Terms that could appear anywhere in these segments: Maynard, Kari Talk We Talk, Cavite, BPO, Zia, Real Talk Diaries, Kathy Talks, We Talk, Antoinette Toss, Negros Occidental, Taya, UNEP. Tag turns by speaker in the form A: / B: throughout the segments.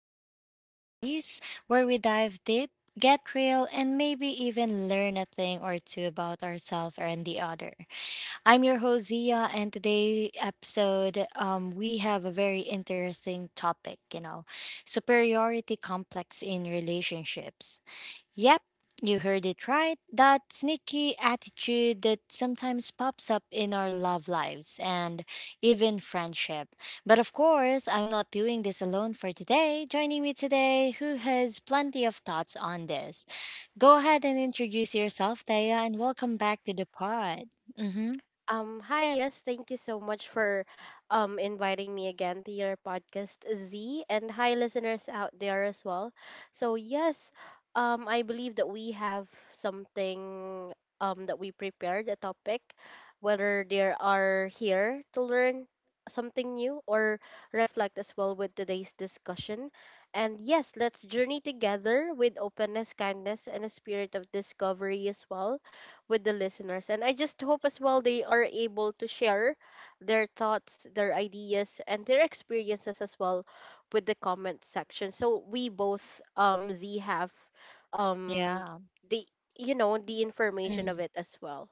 A: Talk Diaries, where we dive deep, get real, and maybe even learn a thing or two about ourselves and the other. I'm your host Zia, and today episode, we have a very interesting topic. Superiority complex in relationships. Yep, you heard it right. That sneaky attitude that sometimes pops up in our love lives and even friendship. But of course, I'm not doing this alone for today. Joining me today, who has plenty of thoughts on this. Go ahead and introduce yourself, Taya, and welcome back to the pod. Mm-hmm.
B: Hi, yes, thank you so much for inviting me again to your podcast, Z, and hi listeners out there as well. So yes, I believe that we have something that we prepared a topic, whether there are here to learn something new or reflect as well with today's discussion. And yes, let's journey together with openness, kindness, and a spirit of discovery as well with the listeners. And I just hope as well they are able to share their thoughts, their ideas, and their experiences as well with the comment section. So we both, Z, have um,
A: Yeah.
B: the the information of
A: Mm.
B: it as well.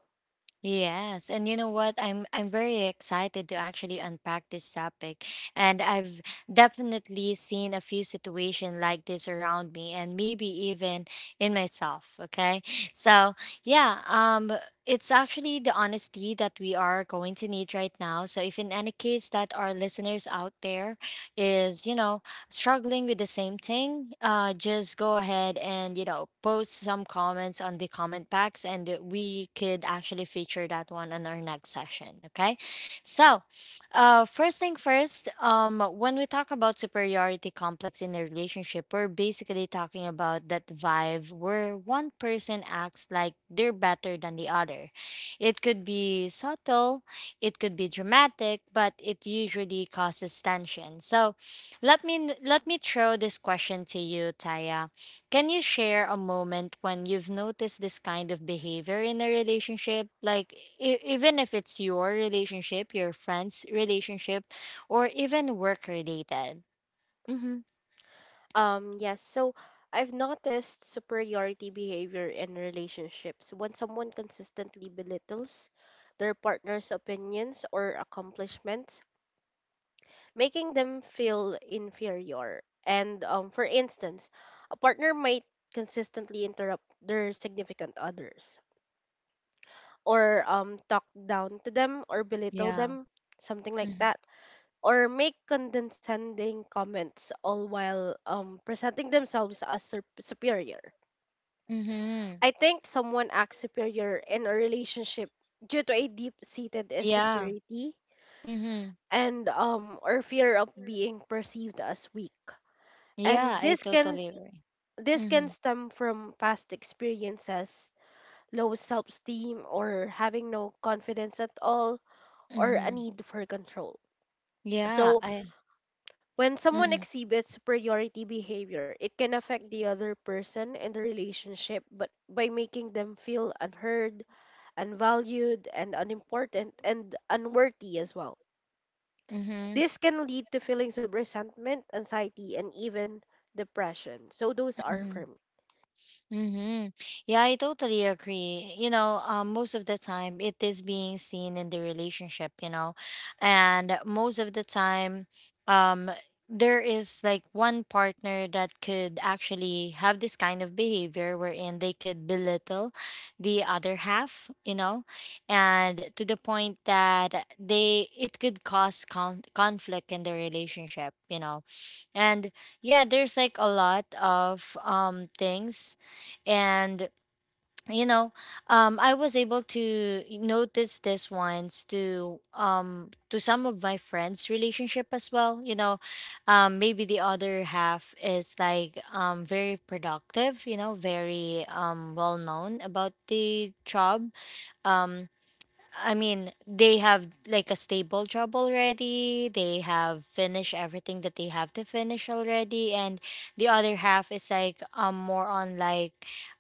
A: Yes, and you know what? I'm very excited to actually unpack this topic. And I've definitely seen a few situations like this around me and maybe even in myself, okay? So, yeah, um it's actually the honesty that we are going to need right now. So, if in any case that our listeners out there is struggling with the same thing, just go ahead and post some comments on the comment packs, and we could actually feature that one on our next session. Okay. So, first thing first, when we talk about superiority complex in a relationship, we're basically talking about that vibe where one person acts like they're better than the other. It could be subtle, it could be dramatic, but it usually causes tension. So, let me throw this question to you, Taya. Can you share a moment when you've noticed this kind of behavior in a relationship? Like even if it's your relationship, your friend's relationship, or even work related. Mm-hmm.
B: Yes. So I've noticed superiority behavior in relationships when someone consistently belittles their partner's opinions or accomplishments, making them feel inferior. And for instance, a partner might consistently interrupt their significant others or talk down to them or belittle
A: Yeah.
B: them, something like that, or make condescending comments all while presenting themselves as superior.
A: Mm-hmm.
B: I think someone acts superior in a relationship due to a deep-seated
A: Yeah.
B: insecurity
A: Mm-hmm.
B: and or fear of being perceived as weak.
A: Yeah,
B: And
A: I
B: this can—
A: totally agree.
B: This can
A: Mm-hmm.
B: stem from past experiences, low self esteem, or having no confidence at all, or a
A: Mm-hmm.
B: need for control.
A: Yeah,
B: So,
A: I.
B: when someone
A: Mm-hmm.
B: exhibits superiority behavior, it can affect the other person in the relationship, but by making them feel unheard, unvalued, and unimportant, and unworthy as well.
A: Mm-hmm.
B: This can lead to feelings of resentment, anxiety, and even depression. So, those are
A: Mm-hmm.
B: for me.
A: Mm-hmm. Yeah, I totally agree. Most of the time it is being seen in the relationship, and most of the time, um, there is like one partner that could actually have this kind of behavior wherein they could belittle the other half, and to the point that they it could cause conflict in the relationship, and yeah, there's like a lot of things and you know I was able to notice this once to some of my friends relationship as well maybe the other half is like very productive you know very well known about the job um I mean, they have like a stable job already. They have finished everything that they have to finish already, and the other half is like more on like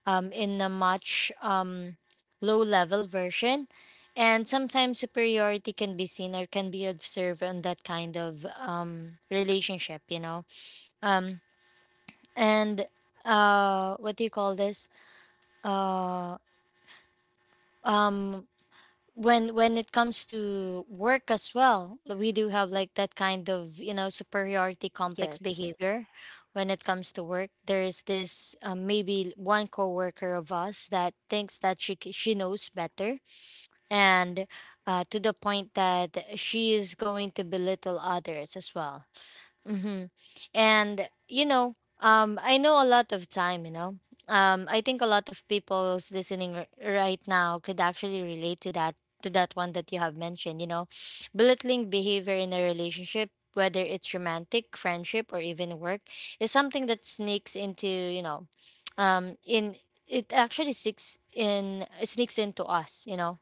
A: in a much low level version, and sometimes superiority can be seen or can be observed on that kind of relationship, you know. Um and what do you call this? Uh um when it comes to work as well, we do have like that kind of, you know, superiority complex
B: Yes.
A: behavior when it comes to work. There is this maybe one coworker of us that thinks that she knows better and to the point that she is going to belittle others as well. Mm-hmm. And you know, I know a lot of time. You know, I think a lot of people's listening right now could actually relate to that one that you have mentioned. You know, belittling behavior in a relationship, whether it's romantic, friendship, or even work, is something that sneaks into in it actually sneaks into us. You know,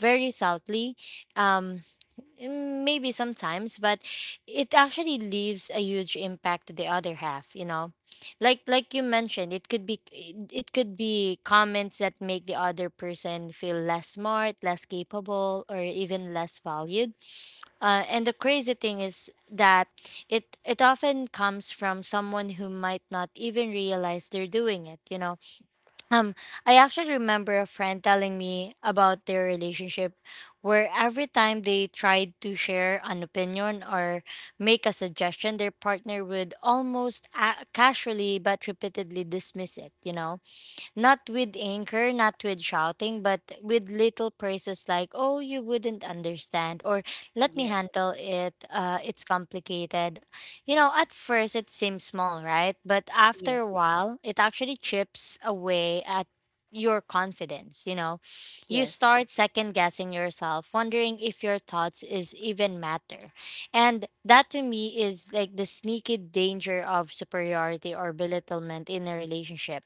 A: very subtly. Um, Maybe sometimes, but it actually leaves a huge impact to the other half, you know. Like you mentioned, it could be it could be comments that make the other person feel less smart, less capable, or even less valued. And the crazy thing is that it often comes from someone who might not even realize they're doing it, you know, um, I actually remember a friend telling me about their relationship where every time they tried to share an opinion or make a suggestion, their partner would almost casually but repeatedly dismiss it, you know? Not with anger, not with shouting, but with little praises like, oh, you wouldn't understand, or let me
B: Yes.
A: handle it. It's complicated. You know, at first it seems small, right? But
B: Yes.
A: after a while, it actually chips away at your confidence, you know. You
B: Yes.
A: start second guessing yourself, wondering if your thoughts is even matter. And that to me is like the sneaky danger of superiority or belittlement in a relationship.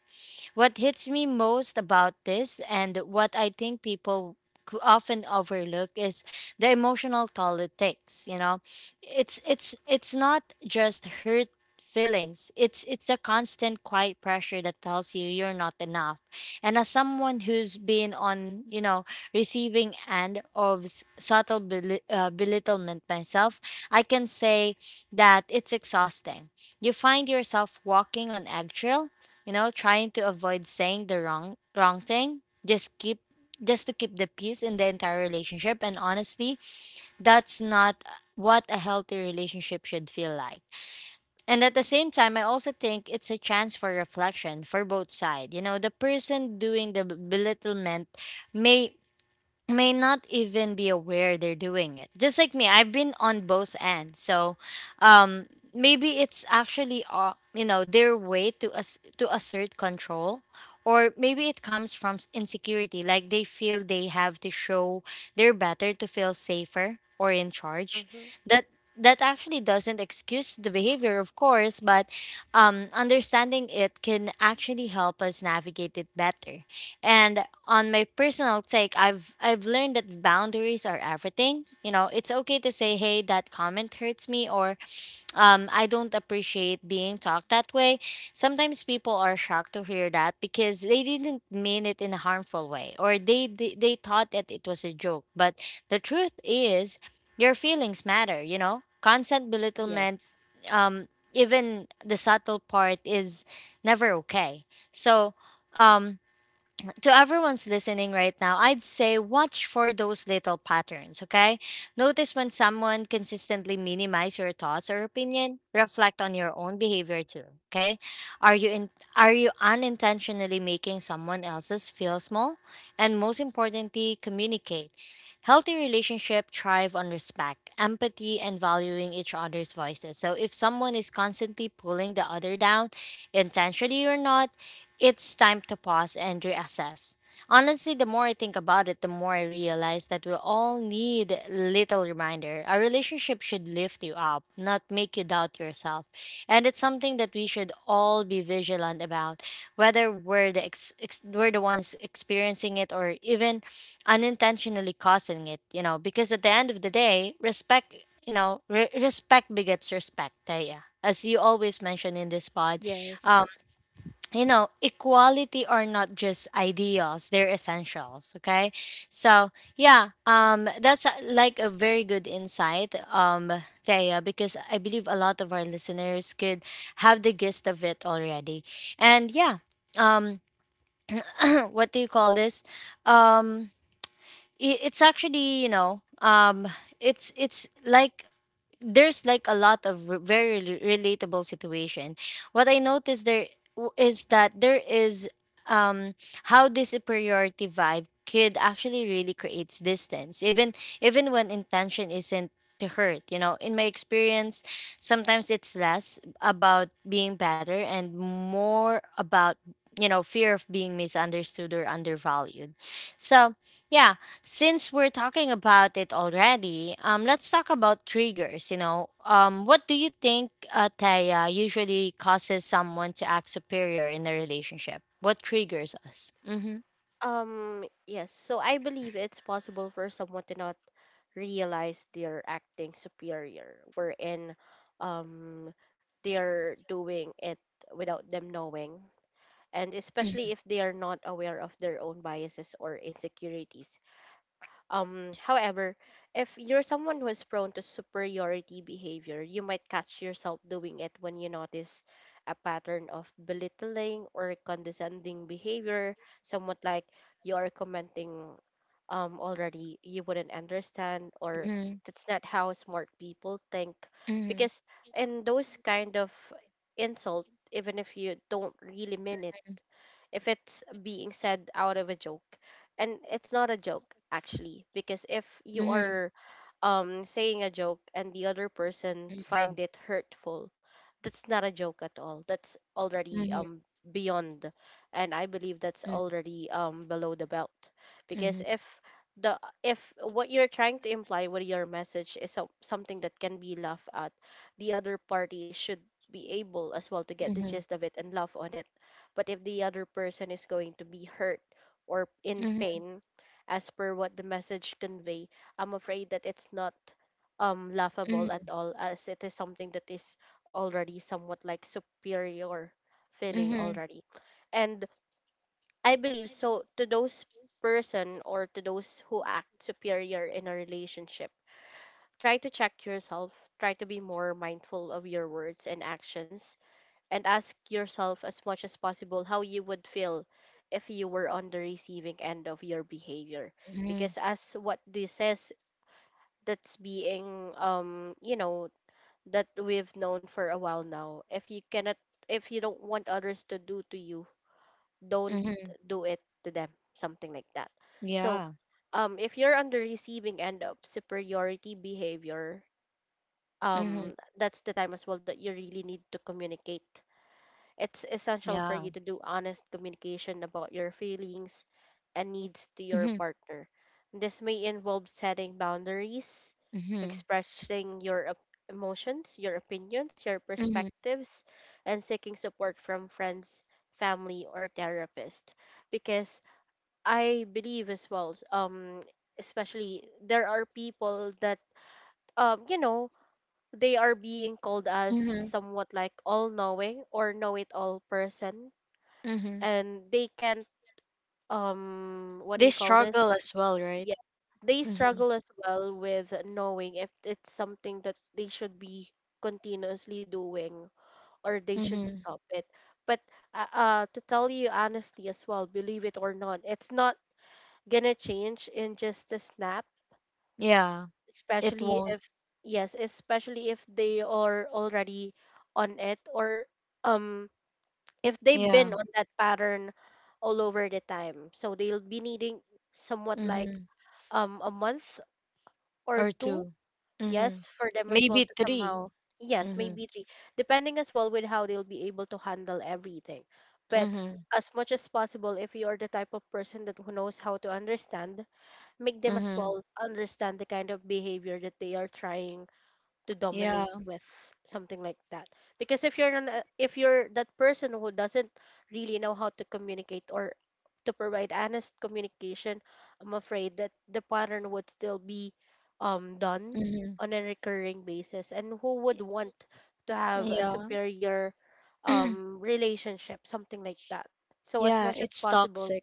A: What hits me most about this and what I think people often overlook is the emotional toll it takes, you know. It's not just hurt feelings. It's a constant quiet pressure that tells you you're not enough. And as someone who's been on, you know, receiving end of subtle belittlement myself, I can say that it's exhausting. You find yourself walking on eggshell, you know, trying to avoid saying the wrong thing, just to keep the peace in the entire relationship, and honestly, that's not what a healthy relationship should feel like. And at the same time, I also think it's a chance for reflection for both sides. You know, the person doing the belittlement may may not even be aware they're doing it. Just like me, I've been on both ends. So, um, maybe it's actually you know, their way to to assert control, or maybe it comes from insecurity, like they feel they have to show they're better to feel safer or in charge.
B: Mm-hmm.
A: That that actually doesn't excuse the behavior, of course, but understanding it can actually help us navigate it better. And on my personal take, I've learned that boundaries are everything. You know, it's okay to say, "Hey, that comment hurts me," or "I don't appreciate being talked that way." Sometimes people are shocked to hear that because they didn't mean it in a harmful way, or they thought that it was a joke. But the truth is, your feelings matter. You know, constant belittlement,
B: Yes.
A: even the subtle part, is never okay. So. Um, to everyone's listening right now, I'd say watch for those little patterns, okay? Notice when someone consistently minimize your thoughts or opinion, reflect on your own behavior too, okay? Are you in, are you unintentionally making someone else's feel small? And most importantly, communicate. Healthy relationship thrive on respect, empathy, and valuing each other's voices. So if someone is constantly pulling the other down, intentionally or not, it's time to pause and reassess. Honestly, the more I think about it, the more I realize that we all need little reminder. A relationship should lift you up, not make you doubt yourself. And it's something that we should all be vigilant about, whether we're the ones experiencing it or even unintentionally causing it, you know, because at the end of the day, respect, you know, respect begets respect. Taya, as you always mention in this pod, um,
B: Yes.
A: you know, equality are not just ideals, they're essentials. Okay. So yeah, that's like a very good insight, Thea, because I believe a lot of our listeners could have the gist of it already. And yeah, um what do you call this? Um it's actually, you know, um it's like there's like a lot of relatable situation. What I noticed there is that there is um how this superiority vibe could actually really creates distance even even when intention isn't to hurt, you know. In my experience, sometimes it's less about being better and more about, you know, fear of being misunderstood or undervalued. So yeah, since we're talking about it already, let's talk about triggers. You know, what do you think, Taya, usually causes someone to act superior in a relationship? What triggers us? Mm-hmm.
B: Yes. So I believe it's possible for someone to not realize they're acting superior, wherein um they're doing it without them knowing, and especially if they are not aware of their own biases or insecurities. However, if you're someone who is prone to superiority behavior, you might catch yourself doing it when you notice a pattern of belittling or condescending behavior, somewhat like you are commenting already, you wouldn't understand, or
A: Mm-hmm.
B: that's not how smart people think,
A: Mm-hmm.
B: because in those kind of insult, even if you don't really mean it, if it's being said out of a joke. And it's not a joke, actually, because if you
A: Mm-hmm.
B: are saying a joke and the other person
A: Mm-hmm.
B: find it hurtful, that's not a joke at all. That's already
A: Mm-hmm.
B: beyond, and I believe that's already below the belt. Because
A: Mm-hmm.
B: if the— if what you're trying to imply with your message is so, something that can be laughed at, the other party should be able as well to get the
A: Mm-hmm.
B: gist of it and laugh on it, but if the other person is going to be hurt or in
A: Mm-hmm.
B: pain, as per what the message convey, I'm afraid that it's not laughable at all, as it is something that is already somewhat like superior feeling
A: Mhm,
B: already. And I believe so, to those person or to those who act superior in a relationship, try to check yourself, try to be more mindful of your words and actions, and ask yourself as much as possible how you would feel if you were on the receiving end of your behavior,
A: mhm.
B: because as what this says, that's being that we've known for a while now, if you cannot— if you don't want others to do to you, don't
A: Mhm.
B: do it to them, something like that. So
A: Yeah.
B: if you're on the receiving end of superiority behavior,
A: Mhm.
B: that's the time as well that you really need to communicate. It's essential for
A: Yeah.
B: you to do honest communication about your feelings and needs to your
A: Mhm,
B: partner. This may involve setting boundaries,
A: mhm,
B: expressing your emotions, your opinions, your
A: mhm,
B: perspectives, and seeking support from friends, family, or therapist. Because I believe as well, especially there are people that, um, you know, they are being called as
A: mhm,
B: somewhat like all knowing or know it all person,
A: mhm.
B: and they can't what do
A: They
B: you call this?
A: struggle as well, right?
B: Yeah, they
A: Mm-hmm.
B: struggle as well with knowing if it's something that they should be continuously doing or they should
A: Mm-hmm.
B: stop it. But to tell you honestly as well, believe it or not, it's not gonna change in just a snap,
A: Yeah, it
B: especially
A: won't.
B: if— yes, especially if they are already on it, or um if they've
A: Yeah.
B: been on that pattern all over the time. So they'll be needing somewhat like
A: Mm-hmm.
B: a month or
A: Or
B: two,
A: two. Mm-hmm.
B: yes, for them as well
A: Maybe
B: to
A: three.
B: somehow— yes,
A: Mm-hmm.
B: maybe three, depending as well with how they'll be able to handle everything. But
A: Mm-hmm.
B: as much as possible, if you are the type of person that who knows how to understand, make them as
A: Mm-hmm.
B: well understand the kind of behavior that they are trying to
A: Yeah.
B: dominate with, something like that. Because if you're an— if you're that person who doesn't really know how to communicate or to provide honest communication, I'm afraid that the pattern would still be done
A: Mm-hmm.
B: on a recurring basis, and who would want to have a
A: Yeah.
B: superior relationship, something like that. So as
A: Yeah,
B: much as
A: it's
B: possible,
A: toxic.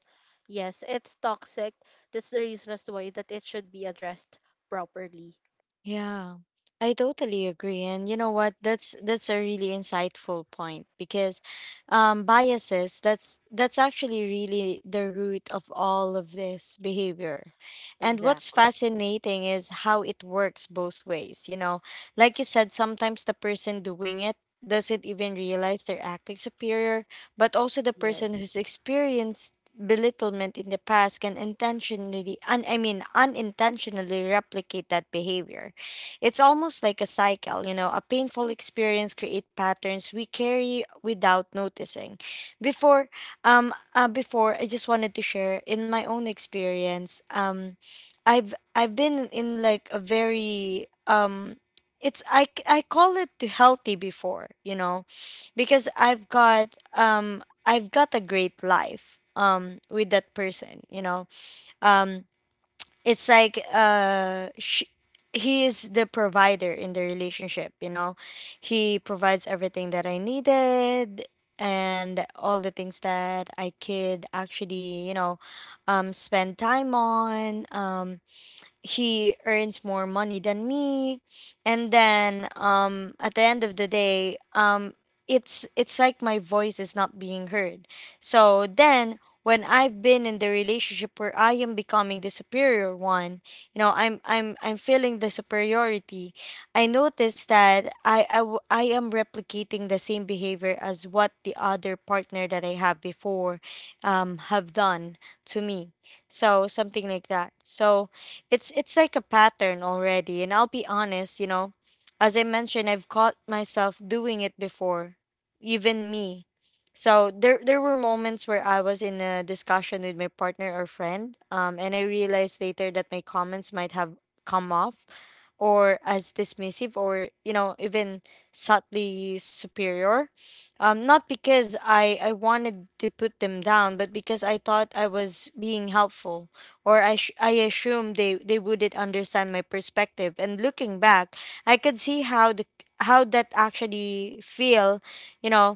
B: yes, it's toxic. That's the reason as to why that it should be addressed properly.
A: Yeah, I totally agree. And you know what? That's a really insightful point because biases, that's actually really the root of all of this behavior. And what's
B: Exactly.
A: fascinating is how it works both ways. You know, like you said, sometimes the person doing it doesn't even realize they're acting superior, but also the person
B: Yes.
A: who's experienced belittlement in the past can intentionally un- I mean unintentionally replicate that behavior. It's almost like a cycle, you know, a painful experience create patterns we carry without noticing. Before before I just wanted to share in my own experience. I've been in like a very it's I call it to healthy before, you know, because I've got a great life with that person, you know. Um it's like sh he is the provider in the relationship, you know. He provides everything that I needed, and all the things that I could actually, you know, spend time on. He earns more money than me, and then at the end of the day, it's like my voice is not being heard. So then, when I've been in the relationship where I am becoming the superior one, you know, I'm feeling the superiority. I notice that I am replicating the same behavior as what the other partner that I have before have done to me. So something like that. So it's like a pattern already, and I'll be honest, you know. As I mentioned, I've caught myself doing it before. Even me. So there were moments where I was in a discussion with my partner or friend, and I realized later that my comments might have come off or as dismissive, or, you know, even subtly superior. Not because I wanted to put them down, but because I thought I was being helpful, or I assumed they wouldn't understand my perspective. And looking back, I could see how the how that actually feel, you know.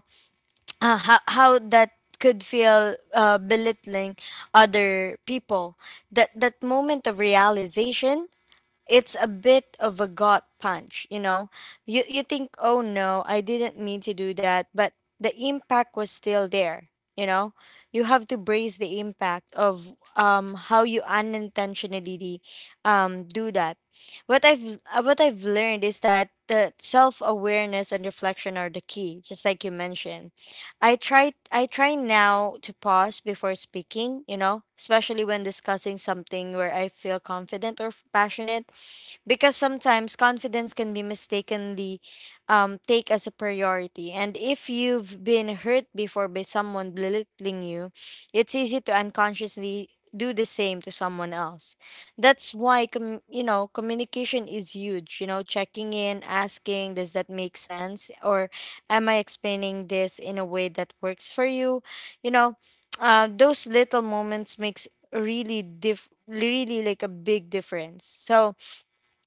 A: How that could feel, belittling other people. That moment of realization, it's a bit of a gut punch, you know. You think, "Oh no, I didn't mean to do that," but the impact was still there, you know. You have to brace the impact of how you unintentionally do that. What I've learned is that the self-awareness and reflection are the key, just like you mentioned. I try now to pause before speaking, you know, especially when discussing something where I feel confident or passionate, because sometimes confidence can be mistakenly take as a priority. And if you've been hurt before by someone belittling you, it's easy to unconsciously do the same to someone else. That's why you know, communication is huge, you know, checking in, asking, does that make sense, or am I explaining this in a way that works for you? You know, those little moments makes really diff really like a big difference. So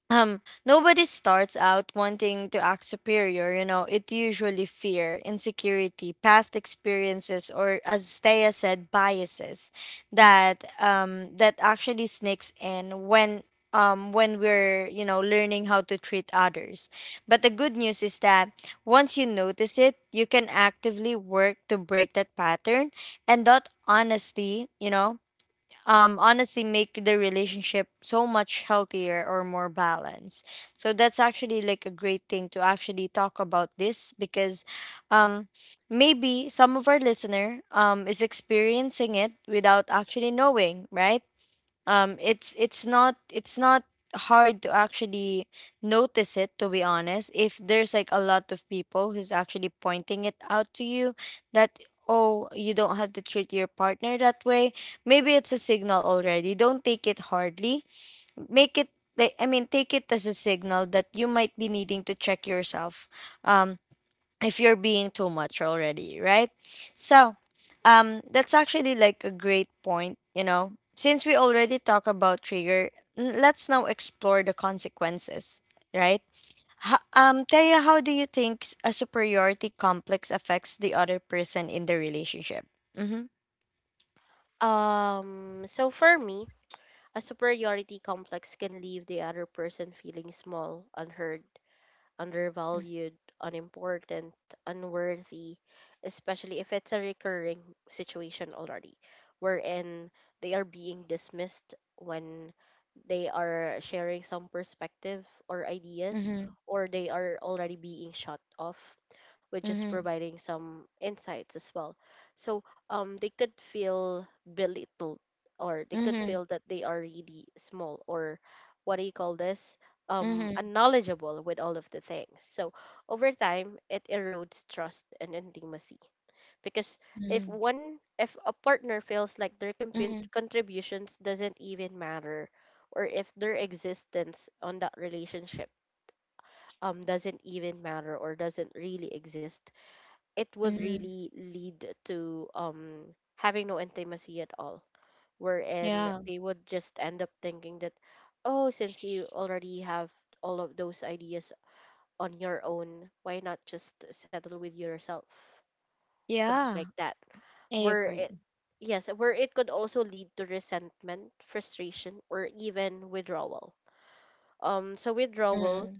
A: um nobody starts out wanting to act superior, you know. It usually fear insecurity, past experiences, or as Steya said, biases that actually sneaks in when we're, you know, learning how to treat others. But the good news is that once you notice it, you can actively work to break that pattern. And that honestly, you know, honestly make the relationship so much healthier or more balanced. So that's actually like a great thing to actually talk about this, because um, maybe some of our listener is experiencing it without actually knowing, right? It's not hard to actually notice it, to be honest, if there's like a lot of people who's actually pointing it out to you that, oh, you don't have to treat your partner that way. Maybe it's a signal already. Don't take it hardly. Make it Like, I mean, take it as a signal that you might be needing to check yourself, um if you're being too much already, right? So, that's actually like a great point, you know. Since we already talk about trigger, let's now explore the consequences, right? Taya, how do you think a superiority complex affects the other person in the relationship? Mm-hmm.
B: So for me, a superiority complex can leave the other person feeling small, unheard, undervalued, unimportant, unworthy, especially if it's a recurring situation already, wherein they are being dismissed when they are sharing some perspective or ideas,
A: Mm-hmm.
B: or they are already being shut off, which is
A: Mm-hmm.
B: providing some insights as well. So they could feel belittled, or they could
A: Mm-hmm.
B: feel that they are really small, or what do you call this?
A: Mm-hmm.
B: Unknowledgeable with all of the things. So over time, it erodes trust and intimacy, because if
A: Mm-hmm.
B: one— if a partner feels like their
A: Mm-hmm.
B: contributions doesn't even matter, or if their existence on that relationship doesn't even matter or doesn't really exist, it would
A: Mm-hmm.
B: really lead to having no intimacy at all, wherein
A: Yeah.
B: they would just end up thinking that, oh, since you already have all of those ideas on your own, why not just settle with yourself, something
A: Yeah.
B: like that,
A: I
B: where it—
A: agree.
B: yes, where it could also lead to resentment, frustration, or even withdrawal. So withdrawal,
A: Mm-hmm.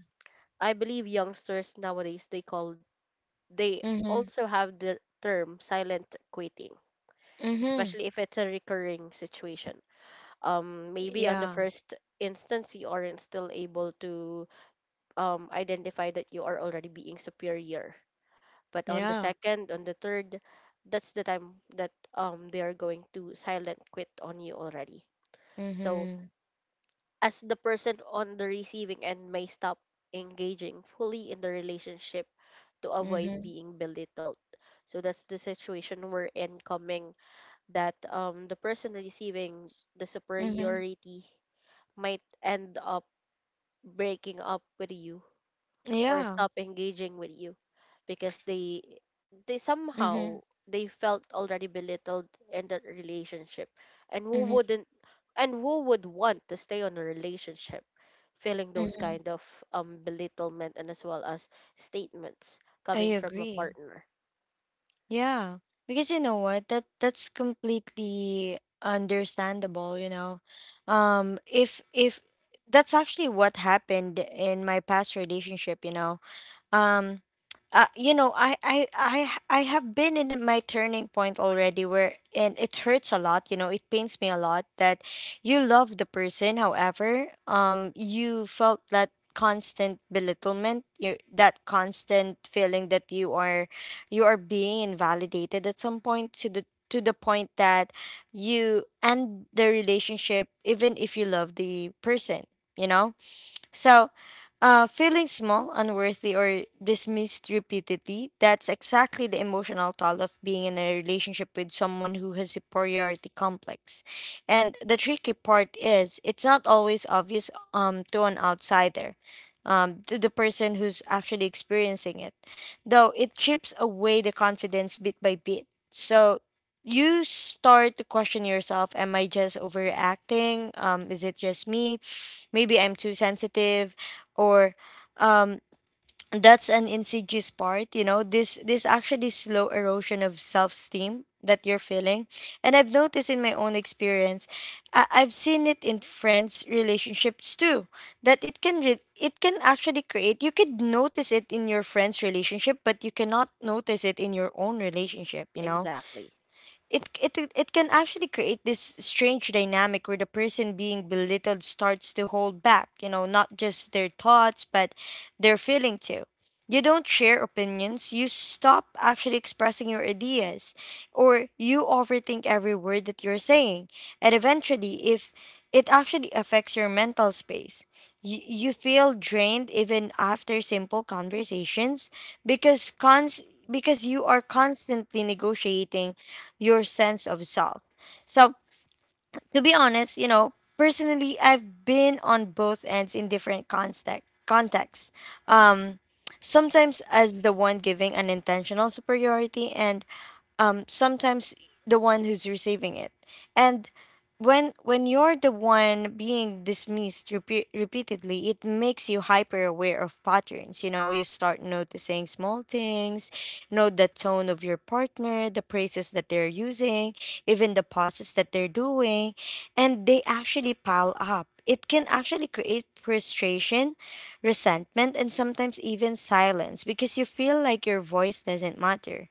B: I believe youngsters nowadays they call— they
A: Mm-hmm.
B: also have the term silent quitting,
A: Mm-hmm.
B: especially if it's a recurring situation. Maybe on the
A: Yeah.
B: first instance you aren't still able to identify that you are already being superior, but on the
A: Yeah.
B: second, on the third, that's the time that they are going to silent quit on you already. So
A: Mhm.
B: as the person on the receiving end may stop engaging fully in the relationship to avoid
A: Mhm.
B: being belittled, so that's the situation we're in, coming that the person receiving the
A: Mhm.
B: superiority might end up breaking up with you or
A: Yeah.
B: stop engaging with you, because they somehow,
A: Mhm.
B: they felt already belittled in that relationship, and who
A: Mhm.
B: wouldn't, and who would want to stay on a relationship feeling those
A: Mhm.
B: kind of belittlement, and as well as statements
A: I
B: coming from a
A: agree.
B: partner.
A: Yeah. Because you know what? That's completely understandable, you know. If that's actually what happened in my past relationship, you know. um you know, I have been in my turning point already where, and it hurts a lot, you know. It pains me a lot that you love the person, however, you felt that constant belittlement, that constant feeling that you are being invalidated at some point, to the point that you end the relationship even if you love the person, you know. So feeling small, unworthy, or dismissed repeatedly, that's exactly the emotional toll of being in a relationship with someone who has superiority complex. And the tricky part is, it's not always obvious, to an outsider, to the person who's actually experiencing it, though it chips away the confidence bit by bit. So you start to question yourself, am I just overreacting? Is it just me? Maybe I'm too sensitive, or um that's an insidious part, you know, this actually slow erosion of self-esteem that you're feeling. And I've noticed in my own experience, I've seen it in friends relationships too, that it can actually create, you could notice it in your friends relationship but you cannot notice it in your own relationship, you know.
B: Exactly.
A: It can actually create this strange dynamic where the person being belittled starts to hold back, you know, not just their thoughts but their feeling too. You don't share opinions, you stop actually expressing your ideas, or you overthink every word that you're saying. And eventually, if it actually affects your mental space, you feel drained even after simple conversations, because cons because you are constantly negotiating your sense of self. So, to be honest, you know, personally, I've been on both ends in different contexts. Um, Sometimes as the one giving an intentional superiority, and sometimes the one who's receiving it. And when you're the one being dismissed repeatedly, it makes you hyper aware of patterns. You know, you start noticing small things, note the tone of your partner, the praises that they're using, even the pauses that they're doing, and they actually pile up. It can actually create frustration, resentment, and sometimes even silence, because you feel like your voice doesn't matter.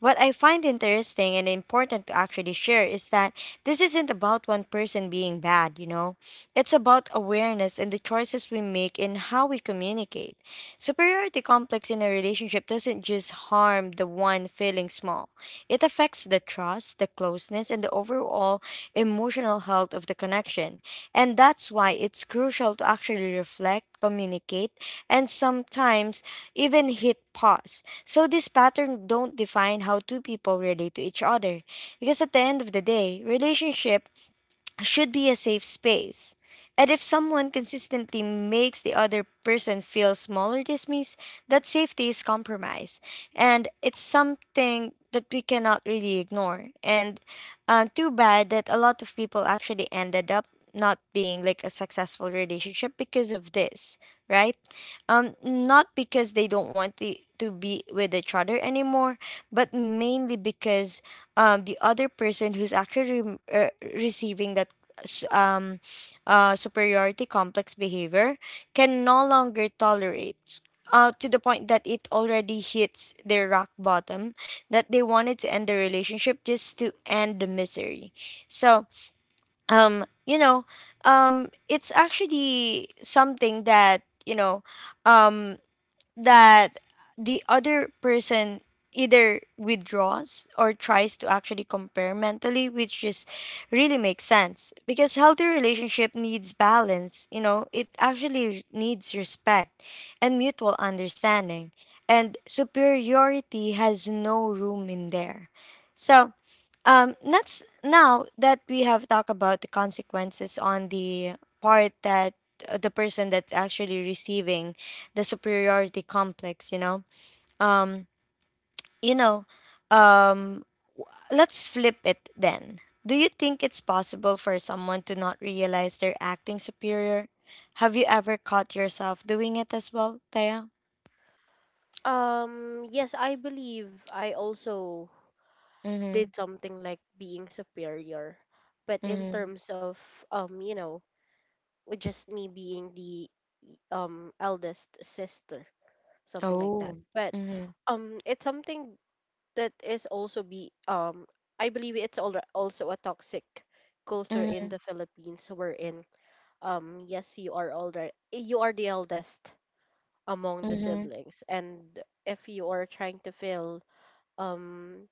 A: What I find interesting and important to actually share is that this isn't about one person being bad, you know? It's about awareness and the choices we make in how we communicate. Superiority complex in a relationship doesn't just harm the one feeling small, it affects the trust, the closeness, and the overall emotional health of the connection. And that's why it's crucial to actually reflect, communicate, and sometimes even hit pause. So this pattern don't define how two people relate to each other. Because at the end of the day, relationship should be a safe space. And if someone consistently makes the other person feel small or dismissed, that safety is compromised. And it's something that we cannot really ignore. And too bad that a lot of people actually ended up not being like a successful relationship because of this, right? Not because they don't want to be with each other anymore, but mainly because the other person who's actually receiving that s- um, superiority complex behavior can no longer tolerate, to the point that it already hits their rock bottom, that they wanted to end the relationship just to end the misery. So you know, it's actually something that you know, um that the other person either withdraws or tries to actually compare mentally, which just really makes sense, because healthy relationship needs balance, you know. It actually needs respect and mutual understanding, and superiority has no room in there. So let's, now that we have talked about the consequences on the part that, the person that's actually receiving the superiority complex, um, you know, um, let's flip it then. Do you think it's possible for someone to not realize they're acting superior? Have you ever caught yourself doing it as well, Taya?
B: yes, I believe I also
A: Mm-hmm.
B: did something like being superior, but in
A: Mm-hmm.
B: terms of you know, with just me being the eldest sister, something like that.
A: Oh.
B: But
A: Mm-hmm.
B: it's something that is also be I believe it's also a toxic culture in
A: Mm-hmm.
B: the Philippines, wherein yes, you are older, you are the eldest among the
A: Mm-hmm.
B: siblings, and if you are trying to feel um,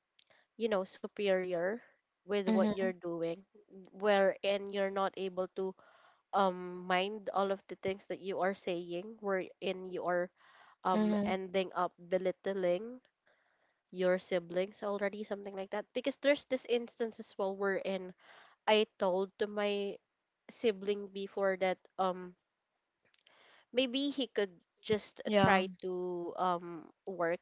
B: you know, superior with what you're
A: Mm-hmm.
B: doing, wherein you're not able to mind all of the things that you are saying, wherein you are
A: Mm-hmm.
B: ending up belittling your siblings already, something like that. Because there's this instance as well wherein I told to my sibling before that maybe he could just
A: Yeah.
B: try to work,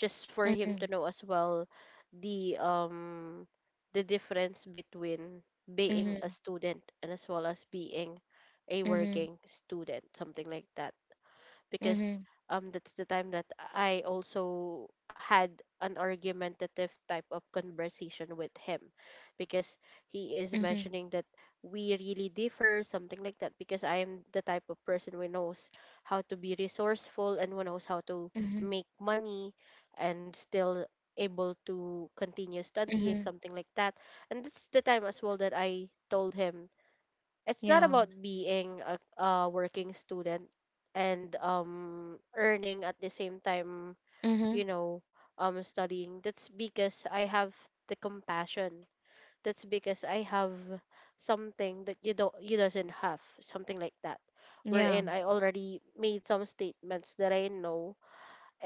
B: just for him to
A: Mm-hmm.
B: know as well the um the difference between being a
A: Mm-hmm.
B: student and as well as being a
A: Mhm.
B: working student, something like that. Because
A: Mhm.
B: that's the time that I also had an argumentative type of conversation with him, because he is
A: Mhm.
B: mentioning that we really differ, something like that, because I am the type of person who knows how to be resourceful and who knows how to
A: Mhm.
B: make money and still able to continue studying,
A: Mhm.
B: something like that. And that's the time as well that I told him, it's not
A: Yeah.
B: about being a— a working student and earning at the same time, you
A: Mhm.
B: know, studying, that's because I have the compassion, that's because I have something that you don't, you doesn't have, something like that,
A: Yeah.
B: wherein I already made some statements that I know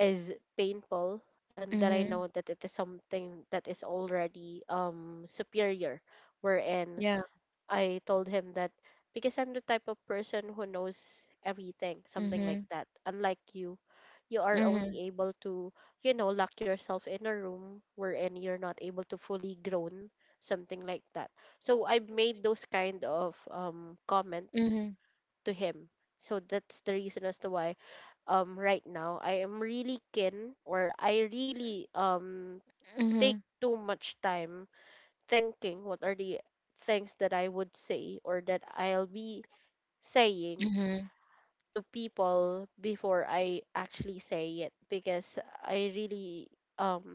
B: is painful, and that I know
A: Mhm.
B: that it is something that is already superior, wherein
A: Yeah.
B: I told him that, because I'm the type of person who knows everything, something like
A: Mhm.
B: that. Unlike you, you are
A: Mhm.
B: only able to, you know, lock yourself in a room wherein you're not able to fully grown, something like that. So I made those kind of comments
A: Mhm.
B: to him. So that's the reason as to why right now I am really keen or I really take
A: Mhm.
B: too much time thinking what are the things that I would say or that I'll be saying
A: Mhm.
B: to people before I actually say it because I really um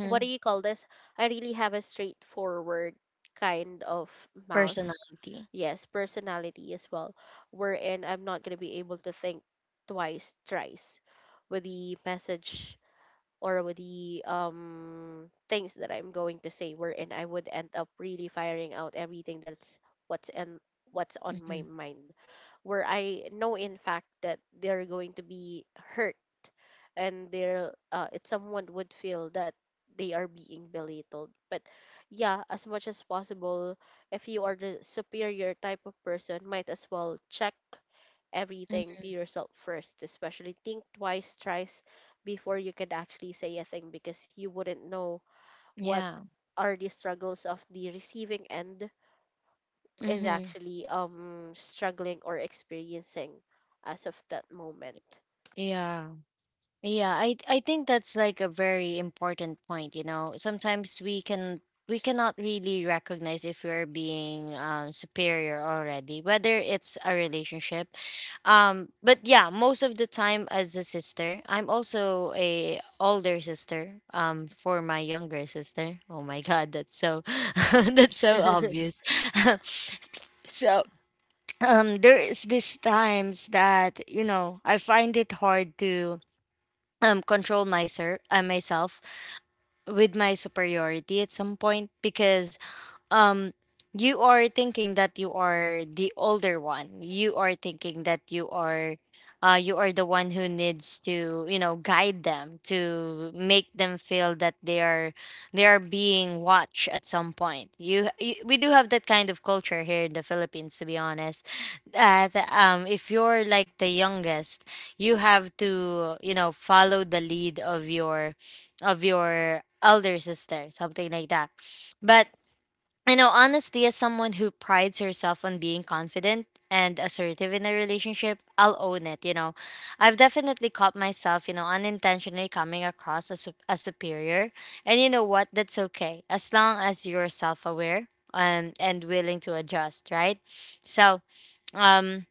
B: what do you call this? I really have a straightforward kind of mouth.
A: Personality.
B: Yes, personality as well. Wherein I'm not gonna be able to think twice, thrice with the message or with the things that I'm going to say wherein I would end up really firing out everything that's what's in what's on my
A: Mhm.
B: mind where I know in fact that they're going to be hurt and they're it someone would feel that they are being belittled but yeah as much as possible if you are the superior type of person might as well check everything
A: Mhm.
B: to yourself first, especially think twice, thrice before you can actually say a thing because you wouldn't know what
A: Yeah.
B: are the struggles of the receiving end is
A: Mhm.
B: actually struggling or experiencing as of that moment.
A: Yeah. Yeah, I think that's like a very important point, you know. Sometimes we cannot really recognize if we're being, superior already, whether it's a relationship. But yeah, most of the time as a sister, I'm also a older sister. For my younger sister. Oh my God, that's so that's so obvious. so there is these times that I find it hard to control myself myself with my superiority at some point because um you are thinking that you are the older one, you are thinking that you are the one who needs to, guide them, to make them feel that they are being watched at some point. You we do have that kind of culture here in the Philippines, to be honest. That if you're like the youngest, you have to, follow the lead of your elder sister, something like that. But I know, honestly, as someone who prides herself on being confident and assertive in a relationship, I'll own it. You know, I've definitely caught myself, you know, unintentionally coming across as as superior, and you know what? That's okay as long as you're self aware, and willing to adjust, right? So, um,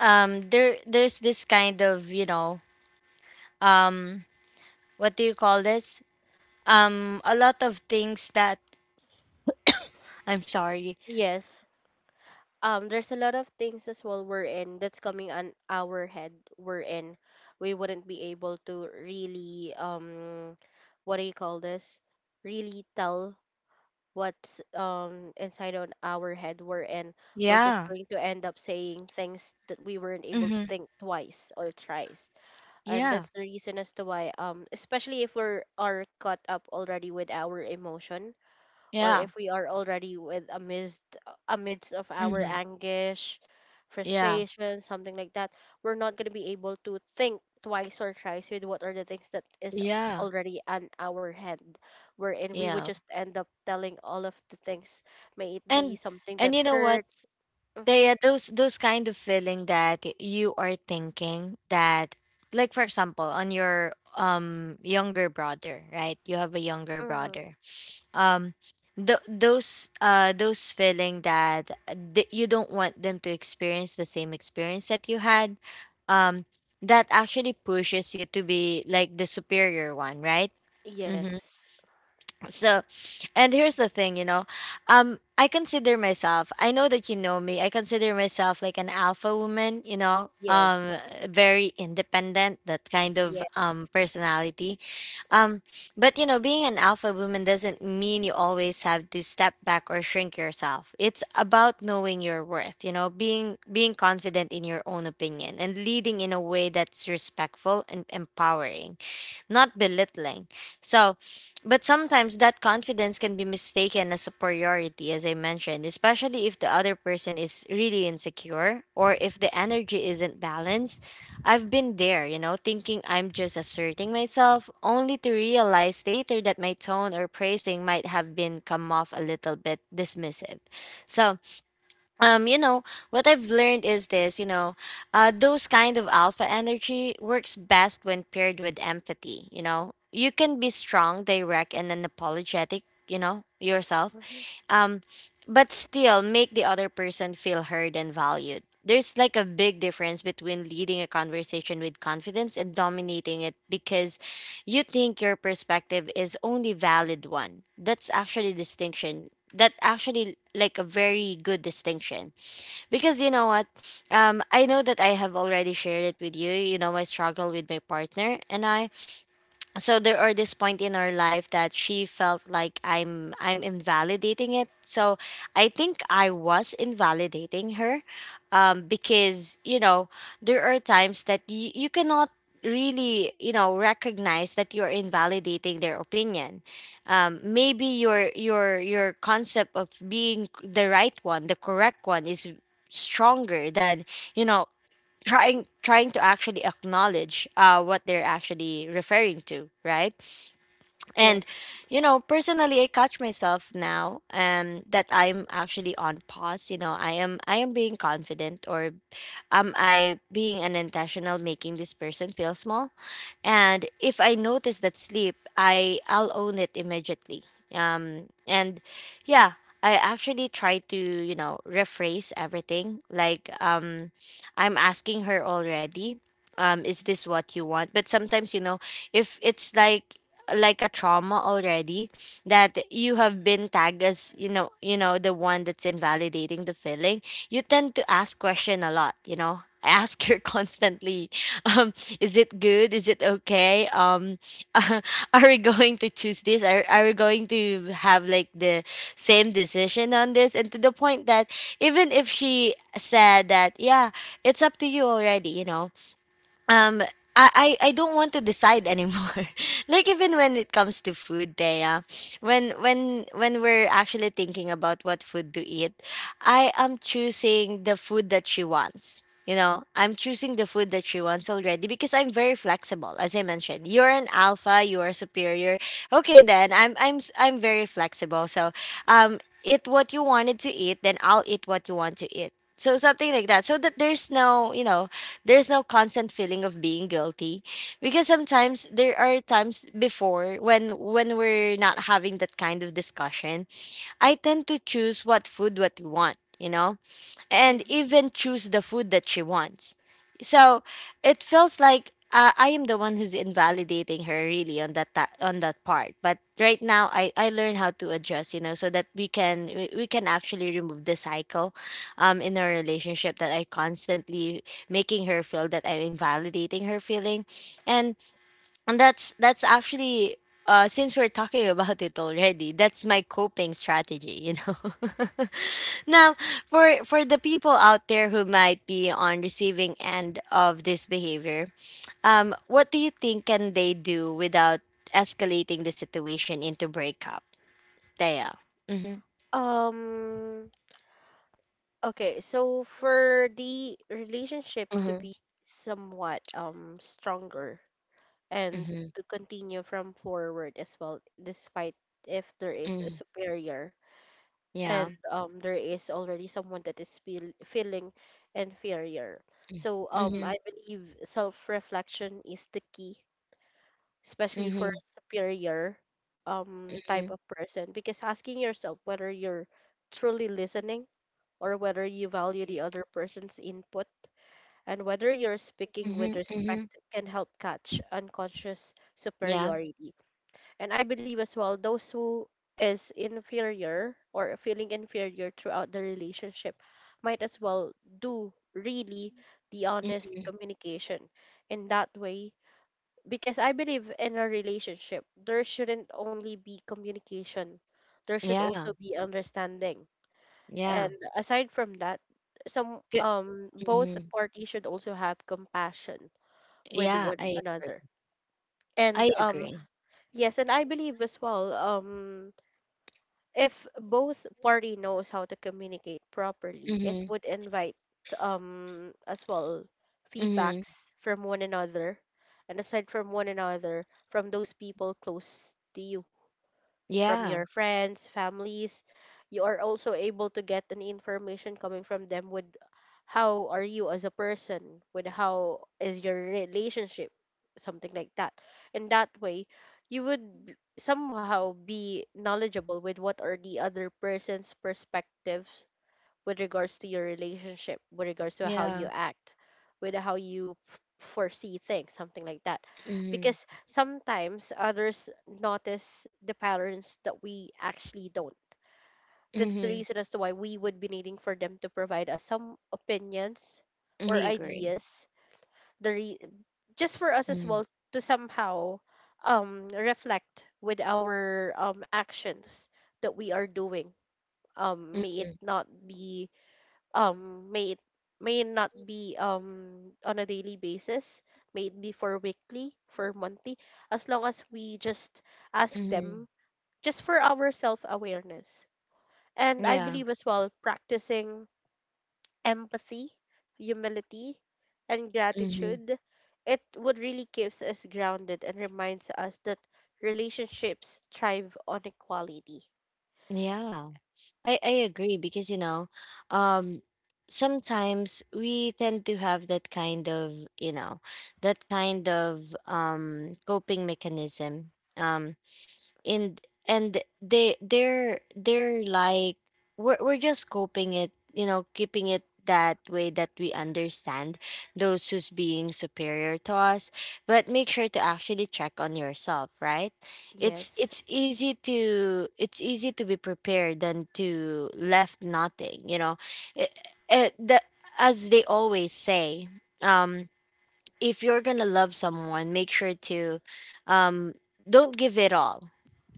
A: there there's this kind of, you know, um, what do you call this? A lot of things that I'm sorry.
B: Yes. There's a lot of things as well we're in that's coming on our head we're in. We wouldn't be able to really what do you call this? Really tell what's inside on our head we're in we're just
A: Yeah.
B: going to end up saying things that we weren't able to
A: Mm-hmm.
B: think twice or thrice and
A: Yeah.
B: that's the reason as to why especially if we are caught up already with our emotion or
A: Yeah.
B: if we are already with amidst amidst of our
A: Mhm.
B: anguish,
A: Yeah.
B: frustration, something like that. We're not gonna be able to think twice or thrice with what are the things that is
A: Yeah.
B: already on our hand, wherein we would
A: Yeah.
B: just end up telling all of the things, may it be
A: And
B: something
A: and
B: that
A: you know what?
B: hurts. Mm-hmm,
A: They, those kind of feeling that you are thinking that, like for example on your younger brother, right? You have a younger
B: mm-hmm.
A: brother. Um those those feeling that you don't want them to experience the same experience that you had, um that actually pushes you to be like the superior one, right? Mm-hmm.
B: Yes,
A: So, and here's the thing, you know, I consider myself. I know that you know me. I consider myself like an alpha woman. You know,
B: yes,
A: very independent. That kind of
B: yes,
A: personality. Um, but you know, being an alpha woman doesn't mean you always have to step back or shrink yourself. It's about knowing your worth. You know, being confident in your own opinion and leading in a way that's respectful and empowering, not belittling. So, but sometimes that confidence can be mistaken as superiority, as I mentioned, especially if the other person is really insecure or if the energy isn't balanced. I've been there, you know, thinking I'm just asserting myself, only to realize later that my tone or praising might have been come off a little bit dismissive. So, you know what I've learned is this, you know, those kind of alpha energy works best when paired with empathy. You know, you can be strong, direct and unapologetic, you know yourself,
B: hmm,
A: um but still make the other person feel heard and valued. There's like a big difference between leading a conversation with confidence and dominating it because you think your perspective is only valid one. That's actually distinction, that actually like a very good distinction. Because you know what, I know that I have already shared it with you, you know, my struggle with my partner and I. So there are this point in our life that she felt like I'm invalidating it. So I think I was invalidating her, because you know, there are times that you cannot really, you know, recognize that you're invalidating their opinion. Maybe your concept of being the right one, the correct one, is stronger than, you know, trying to actually acknowledge what they're actually referring to, right? And
B: yes.
A: you know personally I catch myself now, that I'm actually on pause. You know, I am being confident, or am I being unintentional making this person feel small? And if I notice that sleep, I'll own it immediately. And yeah, I actually try to, you know, rephrase everything. Like, I'm asking her already. Is this what you want? But sometimes, you know, if it's like a trauma already, that you have been tagged as, you know, you know, the one that's invalidating the feeling, you tend to ask question a lot. You know, I ask her constantly, um is it good, is it okay, are we going to choose this, are we going to have like the same decision on this? And to the point that even if she said that, yeah, it's up to you already, you know, um I don't want to decide anymore. Like even when it comes to food, Thea, when we're actually thinking about what food to eat, I am choosing the food that she wants. You know, I'm choosing the food that she wants already because I'm very flexible. As I mentioned, you're an alpha, you are superior. Okay, then I'm very flexible. So, eat what you wanted to eat, then I'll eat what you want to eat. So something like that, so that there's no, you know, there's no constant feeling of being guilty. Because sometimes there are times before when we're not having that kind of discussion, I tend to choose what food what you want, you know, and
B: Mm-hmm.
A: even choose the food that she wants. So it feels like, I am the one who's invalidating her really on that on that part. But right now, I learn how to adjust, you know, so that we can actually remove the cycle, in our relationship, that I constantly making her feel that I'm invalidating her feeling, and and that's actually, since we're talking about it already, that's my coping strategy, you know. Now, for the people out there who might be on receiving end of this behavior, what do you think can they do without escalating the situation into breakup? Daya. Mhm.
B: Um, okay, so for the relationship to
A: Mhm.
B: be somewhat stronger and
A: Mhm.
B: to continue from forward as well, despite if there is a
A: Mhm.
B: superior
A: Yeah.
B: and there is already someone that is feeling inferior. So
A: Mhm.
B: I believe self-reflection is the key, especially for
A: Mhm.
B: a superior type
A: Mhm.
B: of person because asking yourself whether you're truly listening or whether you value the other person's input, and whether you're speaking
A: Mhm.
B: with
A: Mhm.
B: respect can help catch unconscious
A: Yeah.
B: superiority. And I believe as well, those who is inferior or feeling inferior throughout the relationship might as well do really the
A: Mm,
B: honest communication in that way because I believe in a relationship, there shouldn't only be communication, there should
A: yeah.
B: also be understanding.
A: Yeah.
B: And aside from that, some
A: Good.
B: both
A: Mhm.
B: parties should also have compassion with
A: Yeah,
B: one
A: I agree.
B: another.
A: I
B: And
A: agree.
B: yes, and I believe as well, if both party knows how to communicate properly, it
A: Mhm.
B: would invite as well
A: Mhm.
B: feedbacks from one another and aside from one another from those people close to you, from
A: Yeah.
B: your friends, families. You are also able to get an information coming from them with how are you as a person, with how is your relationship, something like that. In that way, you would somehow be knowledgeable with what are the other person's perspectives with regards to your relationship, with regards to how
A: Yeah.
B: you act, with how you foresee things, something like that.
A: Mhm.
B: Because sometimes others notice the patterns that we actually don't. That's the
A: Mhm.
B: reason as to why we would be needing for them to provide us some opinions or
A: I agree.
B: ideas, the re- just for us as
A: Mhm.
B: well to somehow reflect with our actions that we are doing, may it
A: Mhm.
B: not be um may it may it not be on a daily basis, may it be for weekly, for monthly, as long as we just ask
A: Mhm.
B: them just for our self awareness. And I
A: Yeah.
B: believe as well practicing empathy, humility, and
A: Mhm.
B: gratitude, it would really keeps us grounded and reminds us that relationships thrive on equality.
A: Yeah. I agree because you know, um sometimes we tend to have that kind of, you know, that kind of coping mechanism. Um, and they're like we're just coping it, you know, keeping it that way, that we understand those who's being superior to us, but make sure to actually check on yourself, right? it's
B: Yes,
A: it's easy to it's easy to be prepared than to left nothing, you know. it, it, the, as they always say, um if you're gonna love someone, make sure to, um don't give it all.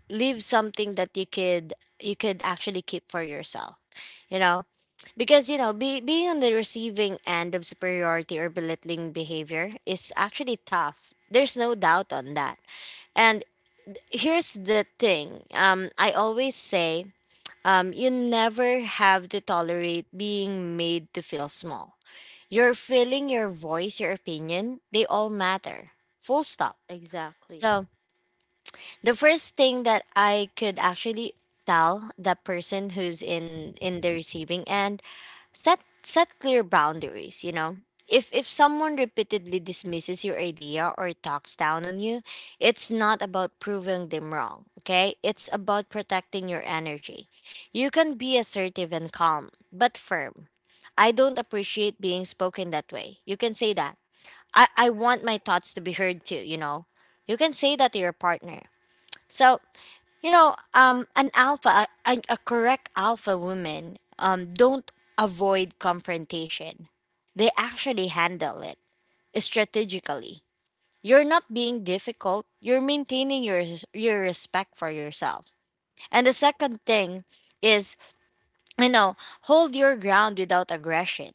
A: Leave something that you could actually keep for yourself, you know. Because you know being on the receiving end of superiority or belittling behavior is actually tough. There's no doubt on that. And here's the thing, I always say, you never have to tolerate being made to feel small. Your feeling, your voice, your opinion, they all matter. Full stop.
B: exactly.
A: So the first thing that I could actually tell the person who's in the receiving end, set clear boundaries, you know. If someone repeatedly dismisses your idea or talks down on you, it's not about proving them wrong, okay? It's about protecting your energy. You can be assertive and calm, but firm. I don't appreciate being spoken that way, you can say that. I want my thoughts to be heard too, you know. You can say that to your partner. So, you know, an alpha, a correct alpha woman, don't avoid confrontation. They actually handle it strategically. You're not being difficult. You're maintaining your respect for yourself. And the second thing is, you know, hold your ground without aggression.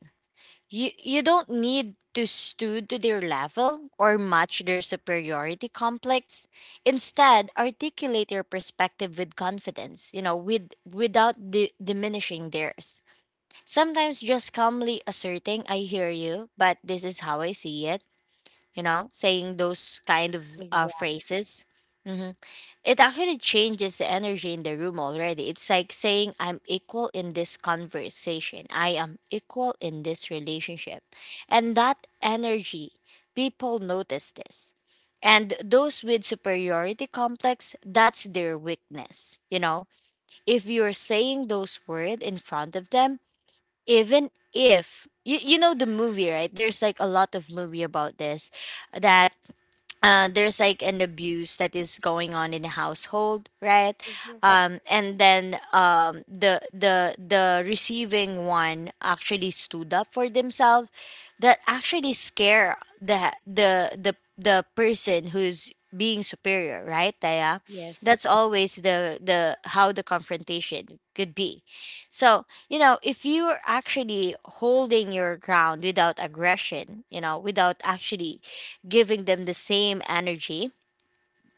A: You don't need to stoop to their level or match their superiority complex. Instead, articulate your perspective with confidence, you know, with without diminishing theirs. Sometimes just calmly asserting, "I hear you, but this is how I see it," you know, saying those kind of
B: Exactly.
A: phrases. Mm-hmm. It actually changes the energy in the room already. It's like saying, I'm equal in this conversation. I am equal in this relationship. And that energy, people notice this. And those with superiority complex, that's their weakness. You know, if you're saying those words in front of them, even if you, you know the movie, right? There's like a lot of movie about this, that there's like an abuse that is going on in the household, right?
B: Mm-hmm.
A: And then, um, the receiving one actually stood up for themselves, that actually scare the the person who's being superior, right Taya?
B: Yes.
A: That's always the how the confrontation could be. So you know if you're actually holding your ground without aggression, you know, without actually giving them the same energy.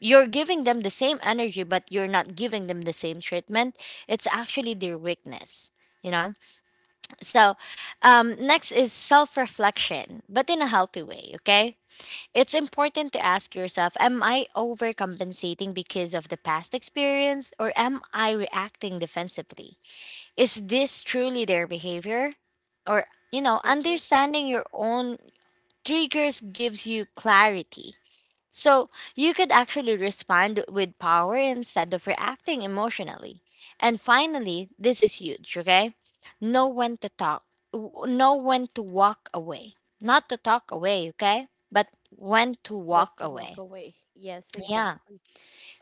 A: You're giving them the same energy, but you're not giving them the same treatment. It's actually their weakness, you know? So, next is self reflection, but in a healthy way, okay? It's important to ask yourself, am I overcompensating because of the past experience, or am I reacting defensively? Is this truly their behavior? Or, you know, understanding your own triggers gives you clarity so you could actually respond with power instead of reacting emotionally. And finally, this is huge, okay? Know when to talk, know when to walk away. Not to talk away, okay? But when to
B: When
A: walk
B: to walk
A: away.
B: away. Yes,
A: Yeah.
B: exactly.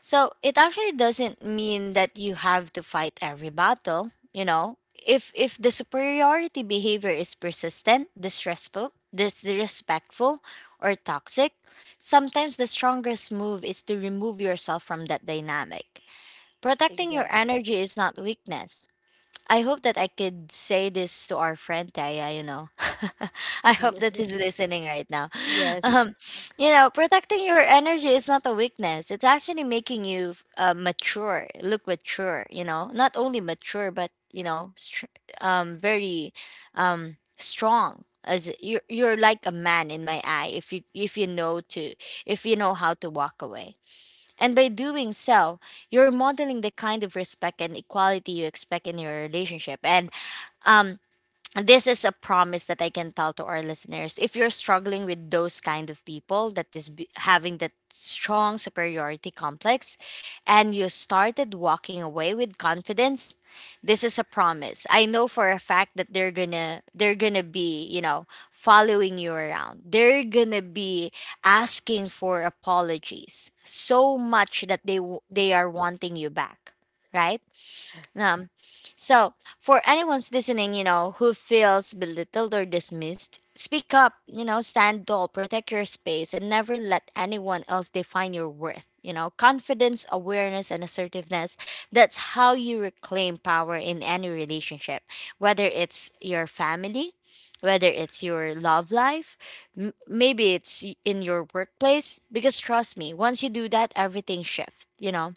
A: So it actually doesn't mean that you have to fight every battle, you know. If the superiority behavior is persistent, distressful, disrespectful, or toxic, sometimes the strongest move is to remove yourself from that dynamic. Protecting your
B: Exactly.
A: energy is not weakness. I hope that I could say this to our friend Taya, you know. I hope that he's listening right now. Um,
B: Yes.
A: you know, protecting your energy is not a weakness. It's actually making you mature, look mature, you know. Not only mature, but, you know, very strong. As you're like a man in my eye if you know to if you know how to walk away, and by doing so, you're modeling the kind of respect and equality you expect in your relationship. And um, this is a promise that I can tell to our listeners. If you're struggling with those kind of people that is having that strong superiority complex and you started walking away with confidence, this is a promise. I know for a fact that they're going to be, you know, following you around. They're going to be asking for apologies so much that
B: Ye-
A: they are wanting you back, right? Um. So, for anyone's listening, you know, who feels belittled or dismissed, speak up, you know, stand tall, protect your space, and never let anyone else define your worth. You know, confidence, awareness, and assertiveness, that's how you reclaim power in any relationship, whether it's your family, whether it's your love life, maybe in your workplace. Because trust me, once you do that, everything shifts, you know,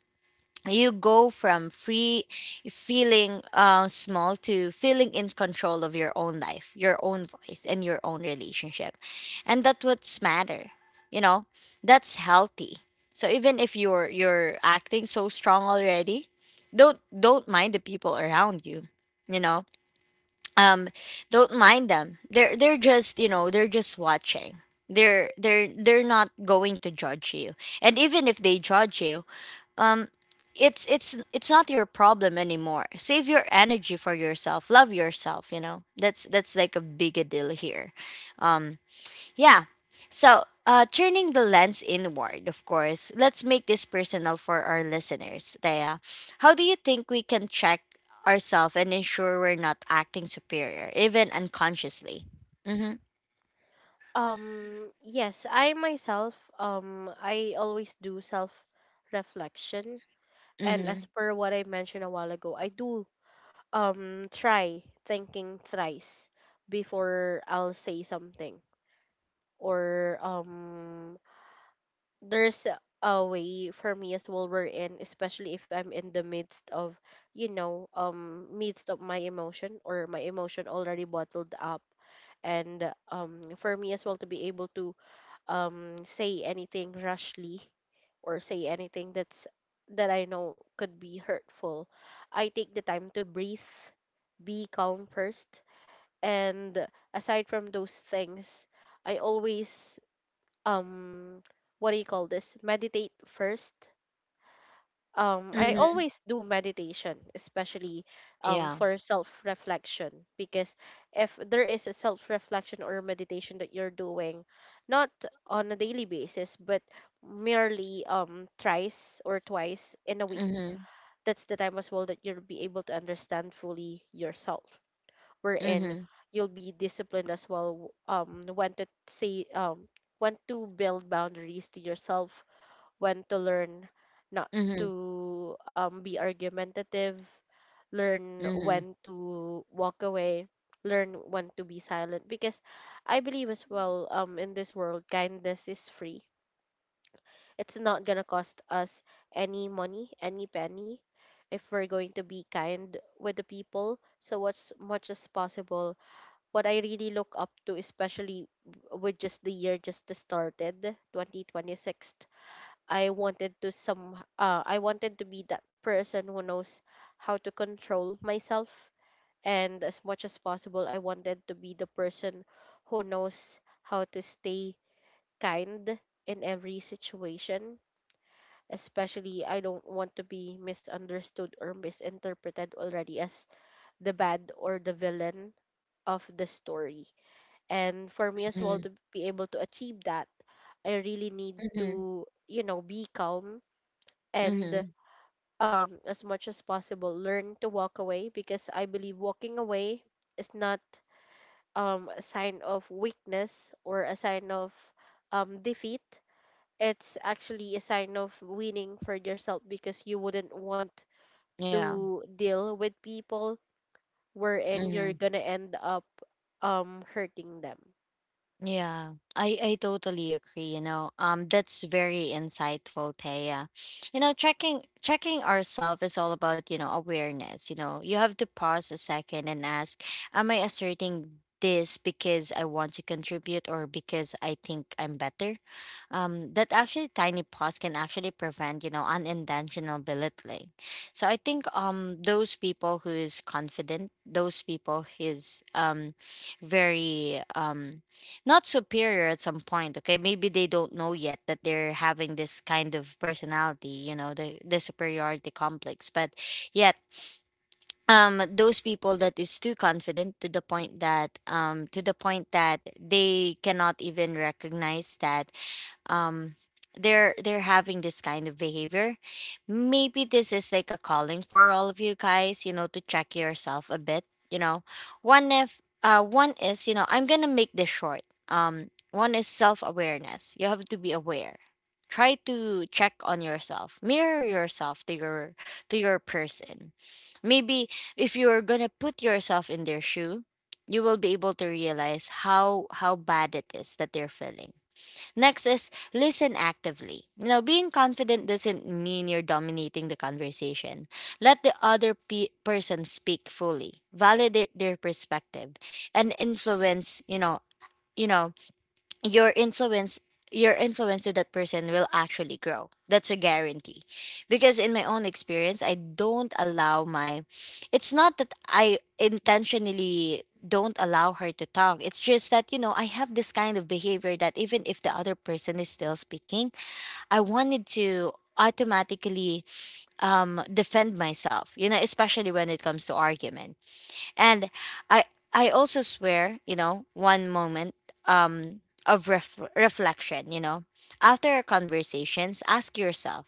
A: you go from free feeling small to feeling in control of your own life, your own voice, and your own relationship. And that what's matter, you know, that's healthy. So even if you're acting so strong already, don't mind the people around you, you know. um don't mind them. They're just, you know, they're just watching. They're they're not going to judge you. And even if they judge you, um it's it's not your problem anymore. Save your energy for yourself, love yourself, you know. That's like a big a deal here. um yeah. So turning the lens inward, of course, let's make this personal for our listeners, Thea. How do you think we can check ourselves and ensure we're not acting superior even unconsciously? Mm-hmm
B: Yes, I myself, I always do self reflection. And as
A: mm-hmm
B: per what I mentioned a while ago, I do try thinking thrice before I'll say something or there's a way for me as well we're in, especially if I'm in the midst of, you know, midst of my emotion or my emotion already bottled up. And for me as well to be able to say anything rashly or say anything that's that I know could be hurtful, I take the time to breathe, be calm first. And aside from those things, I always um what do you call this, meditate first. I
A: mm-hmm
B: always do meditation especially
A: yeah
B: for self reflection because if there is a self reflection or meditation that you're doing, not on a daily basis but merely thrice or twice in a week,
A: mm-hmm
B: that's the time as well that you'll be able to understand fully yourself, wherein
A: mm-hmm
B: you'll be disciplined as well, when to say when to build boundaries to yourself, when to learn not
A: mm-hmm
B: to be argumentative, learn
A: mm-hmm
B: when to walk away, learn when to be silent, because I believe as well, in this world kindness is free, it's not gonna cost us any money, any penny, if we're going to be kind with the people. So as much as possible, what I really look up to, especially with just the year just started, 2026, I wanted to some I wanted to be that person who knows how to control myself, and as much as possible I wanted to be the person who knows how to stay kind in every situation. Especially I don't want to be misunderstood or misinterpreted already as the bad or the villain of the story. And for me as well
A: mm-hmm
B: to be able to achieve that, I really need
A: mm-hmm
B: to, you know, be calm and
A: mm-hmm.
B: as much as possible learn to walk away because I believe walking away is not a sign of weakness or a sign of defeat. It's actually a sign of winning for yourself because you wouldn't want
A: yeah
B: to deal with people wherein you're
A: Mhm.
B: gonna end up hurting them.
A: Yeah, I totally agree. You know, that's very insightful, Taya. You know, checking ourselves is all about, you know, awareness. You know, you have to pause a second and ask, am I asserting this because I want to contribute or because I think I'm better? That actually tiny pause can actually prevent, you know, unintentional belittling. So I think, those people who is confident, those people who is very not superior at some point, okay, maybe they don't know yet that they're having this kind of personality, you know, the superiority complex. But yet, those people that is too confident to the point that, to the point that they cannot even recognize that, um they're having this kind of behavior. Maybe this is like a calling for all of you guys, you know, to check yourself a bit, you know. One, if one is, you know, I'm gonna make this short. One is self-awareness. You have to be aware, try to check on yourself, mirror yourself to your person. Maybe if you're gonna put yourself in their shoe, you will be able to realize how bad it is that they're feeling. Next is listen actively. You know, being confident doesn't mean you're dominating the conversation. Let the other person speak fully, validate their perspective, and influence. You know your influence to that person will actually grow. That's a guarantee, because in my own experience, I don't allow my, it's not that I intentionally don't allow her to talk. It's just that, you know, I have this kind of behavior that even if the other person is still speaking, I wanted to automatically defend myself, you know, especially when it comes to argument. And I I also swear, you know, one moment um of reflection, you know. After our conversations, ask yourself,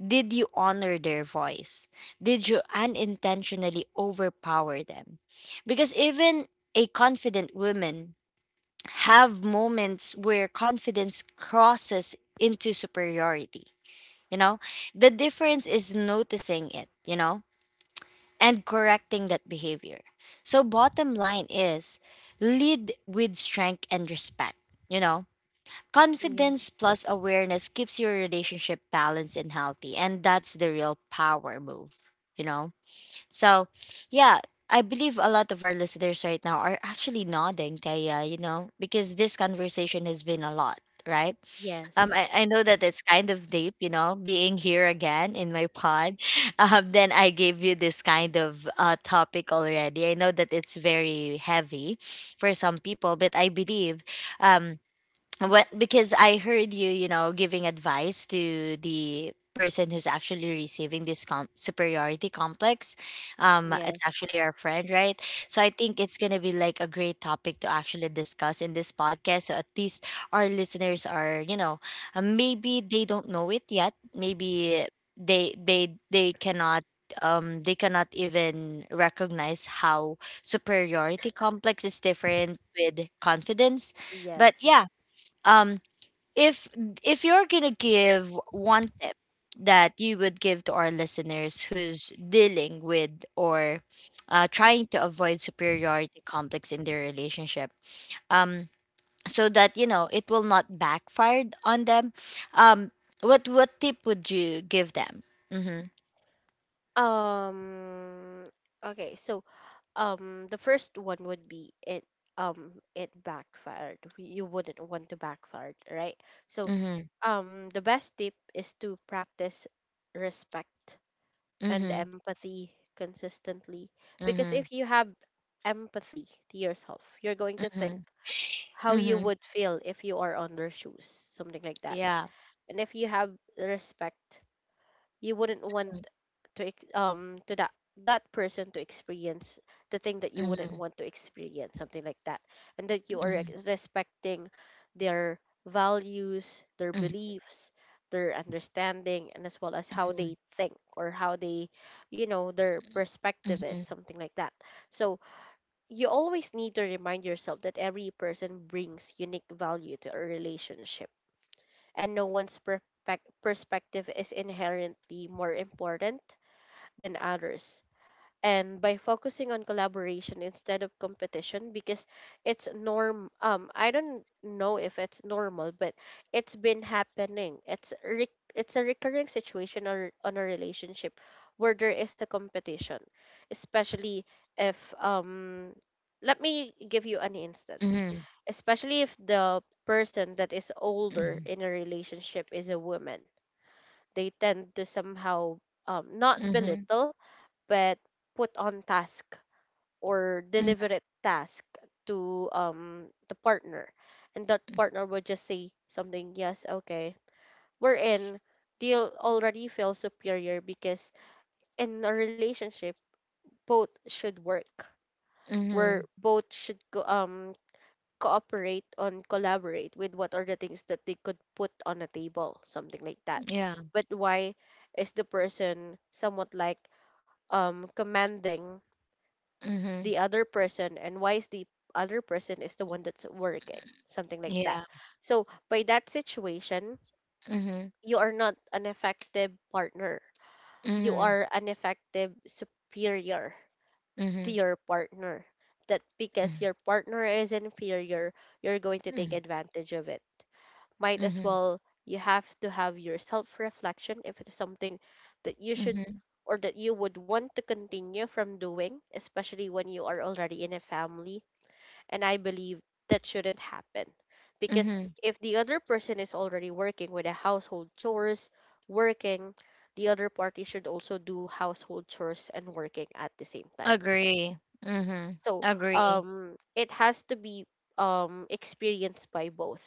A: did you honor their voice? Did you unintentionally overpower them? Because even a confident woman have moments where confidence crosses into superiority, you know? The difference is noticing it, you know, and correcting that behavior. So, bottom line is lead with strength and respect. You know,
B: Yes.
A: confidence plus awareness keeps your relationship balanced and healthy, and that's the real power move, you know? So, yeah, I believe a lot of our listeners right now are actually nodding, Taya, you know, because this conversation has been a lot, right?
B: Yes.
A: I know that it's kind of deep, you know, being here again in my pod. Then I gave you this kind of topic already. I know that it's very heavy for some people, but I believe, um, what, because I heard you, you know, giving advice to the person who's actually receiving this superiority complex. It's
B: Yes.
A: actually our friend, right? So I think it's gonna be like a great topic to actually discuss in this podcast. So at least our listeners are, you know, maybe they don't know it yet. Maybe they they cannot even recognize how superiority complex is different with confidence. But
B: Yes.
A: yeah, um, if if you're gonna give one tip that you would give to our listeners who's dealing with or trying to avoid superiority complex in their relationship, um, so that you know it will not backfire on them, um, what tip would you give them? Mm-hmm.
B: Um okay, so the first one would be it it backfired. You wouldn't want to backfire, right? So
A: Mm-hmm.
B: the best tip is to practice respect and
A: Mm-hmm.
B: empathy consistently because
A: Mm-hmm.
B: if you have empathy to yourself, you're going to think
A: Mm-hmm.
B: how you
A: Mm-hmm.
B: would feel if you are on their shoes, something like that.
A: Yeah.
B: And if you have respect, you wouldn't want to to that that person to experience the thing that you wouldn't
A: Mm-hmm.
B: want to experience, something like that, and that you are
A: Mm-hmm.
B: respecting their values, their beliefs, their understanding, and as well as how
A: Mm-hmm.
B: they think or how they, you know, their perspective is,
A: Mm-hmm.
B: something like that. So you always need to remind yourself that every person brings unique value to a relationship and no one's perspective is inherently more important than others. And by focusing on collaboration instead of competition, because it's norm I don't know if it's normal but it's been happening, it's a recurring situation or on a relationship where there is a competition, especially if, let me give you an instance,
A: Mm-hmm.
B: especially if the person that is older
A: Mm-hmm.
B: in a relationship is a woman, they tend to somehow, not
A: Mm-hmm.
B: belittle but put on task or deliberate task to the partner, and that partner would just say something yes okay, we're in they'll already feel superior because in a relationship both should work,
A: Mm-hmm.
B: where both should go, um, cooperate on collaborate with what are the things that they could put on a table, something like that.
A: Yeah.
B: But why is the person somewhat like commanding
A: Mhm.
B: the other person, and why is the other person is the one that's working, something like that.
A: Yeah.
B: So by that situation,
A: Mhm.
B: you are not an effective partner, you
A: Mhm.
B: are an effective superior to
A: Mhm.
B: your partner. That
A: Mhm.
B: because your partner is inferior, you're going to take
A: Mhm.
B: advantage of it. Might as
A: Mhm.
B: well you have to have your self reflection if it's something that you should
A: Mhm.
B: or that you would want to continue from doing, especially when you are already in a family, and I believe that shouldn't happen. Because
A: Mhm.
B: if the other person is already working with the household chores, working, the other party should also do household chores and working at the same time.
A: Agree. Mhm.
B: So
A: Agree.
B: it has to be experienced by both.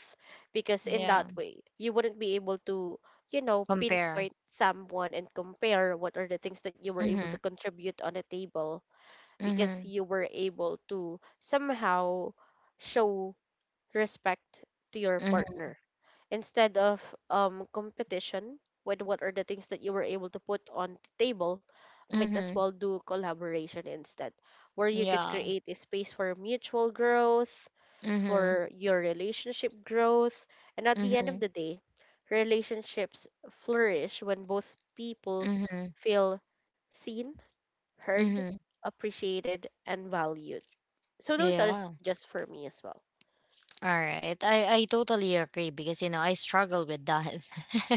B: Because in that
A: Yeah.
B: way, you wouldn't be able to, you know,
A: Compare.
B: pinpoint someone and compare what are the things that you were able to
A: Mhm.
B: contribute on the table because
A: Mhm.
B: you were able to somehow show respect to your
A: Mhm.
B: partner instead of competition with what are the things that you were able to put on the table. Might as
A: Mhm.
B: well do collaboration instead where you could
A: Yeah.
B: create a space for mutual growth,
A: Mhm.
B: for your relationship growth, and at the end of
A: Mhm.
B: the day, relationships flourish when both people
A: Mhm. Mhm.
B: feel seen, heard,
A: Mhm.
B: appreciated, and valued. So those are
A: Yeah.
B: just for me as well.
A: All right. I totally agree because, you know, I struggle with that.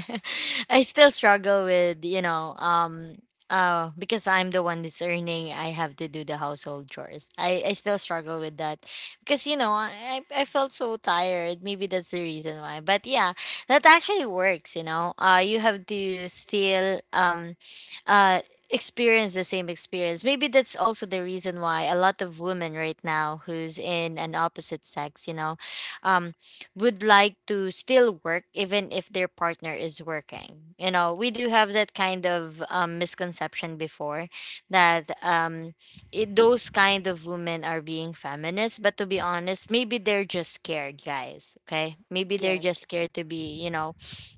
A: I still struggle with, you know, because I'm the one that's earning, I have to do the household chores. I still struggle with that. Because, you know, I felt so tired. Maybe that's the reason why. But yeah, that actually works, you know. You have to still uh experience the same experience. Maybe that's also the reason why a lot of women right now who's in an opposite sex, you know, um, would like to still work even if their partner is working. You know, we do have that kind of misconception before that those kind of women are being feminists. But to be honest, maybe they're just scared, guys. Okay, maybe they're just
B: Yes.
A: scared to be, you know,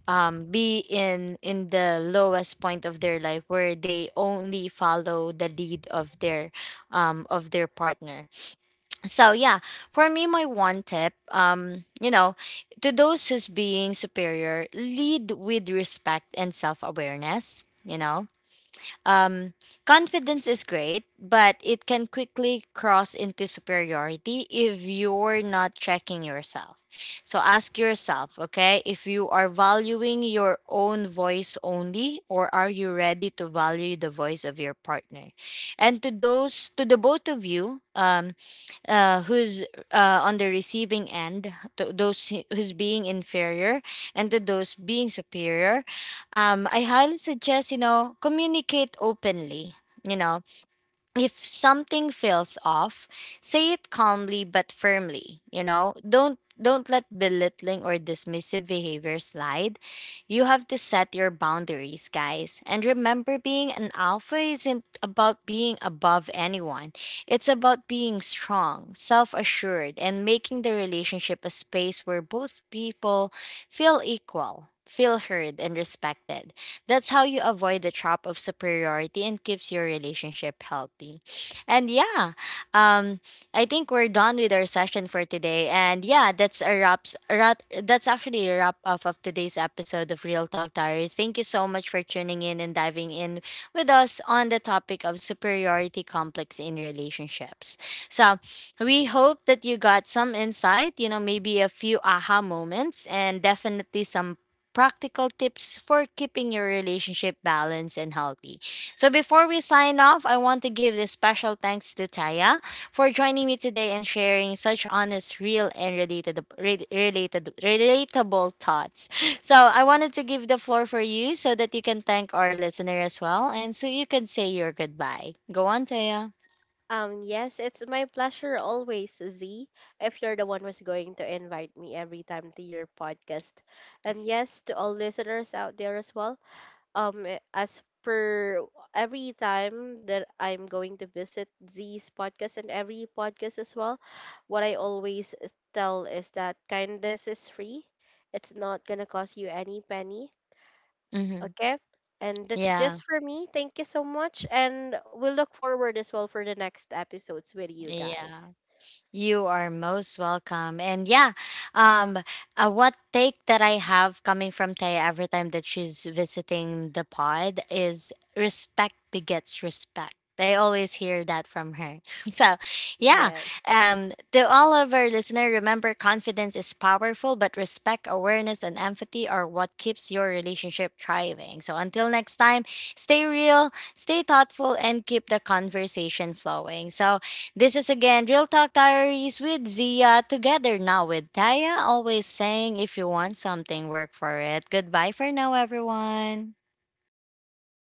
A: be in the lowest point of their life where they only follow the lead of their, partner. So yeah, for me, my one tip, you know, to those who's being superior, lead with respect and self-awareness. You know, um, confidence is great, but it can quickly cross into superiority if you're not checking yourself. So ask yourself, okay, if you are valuing your own voice only, or are you ready to value the voice of your partner? And to those, to the both of you, who's on the receiving end, to those who's being inferior, and to those being superior. I highly suggest, you know, communicate openly. You know, if something feels off, say it calmly but firmly, you know? Don't let belittling or dismissive behavior slide. You have to set your boundaries, guys. And remember, being an alpha isn't about being above anyone. It's about being strong, self-assured, and making the relationship a space where both people feel equal, feel heard and respected. That's how you avoid the trap of superiority and keeps your relationship healthy. And yeah, um, I think we're done with our session for today. And yeah, that's actually a wrap up of today's episode of Real Talk Diaries. Thank you so much for tuning in and diving in with us on the topic of superiority complex in relationships. So we hope that you got some insight. You know, maybe a few aha moments and definitely some practical tips for keeping your relationship balanced and healthy. So before we sign off, I want to give this special thanks to Taya for joining me today and sharing such honest, real, and related, relatable thoughts. So I wanted to give the floor for you so that you can thank our listener as well, and so you can say your goodbye. Go on, Taya.
B: Yes, it's my pleasure always, Z, if you're the one who's going to invite me every time to your podcast. And yes, to all listeners out there as well, as per every time that I'm going to visit Z's podcast and every podcast as well, what I always tell is that kindness is free. It's not gonna cost you any penny.
A: Mm-hmm.
B: Okay. And that's
A: Yeah.
B: just for me. Thank you so much. And we'll look forward as well for the next episodes with you
A: Yeah.
B: guys.
A: You are most welcome. And yeah, um, what take that I have coming from Taya every time that she's visiting the pod is respect begets respect. I always hear that from her. So, yeah,
B: Yes.
A: to all of our listener, remember confidence is powerful, but respect, awareness, and empathy are what keeps your relationship thriving. So, until next time, stay real, stay thoughtful, and keep the conversation flowing. So, this is again Real Talk Diaries with Zia, together now with Taya, always saying if you want something, work for it. Goodbye for now, everyone.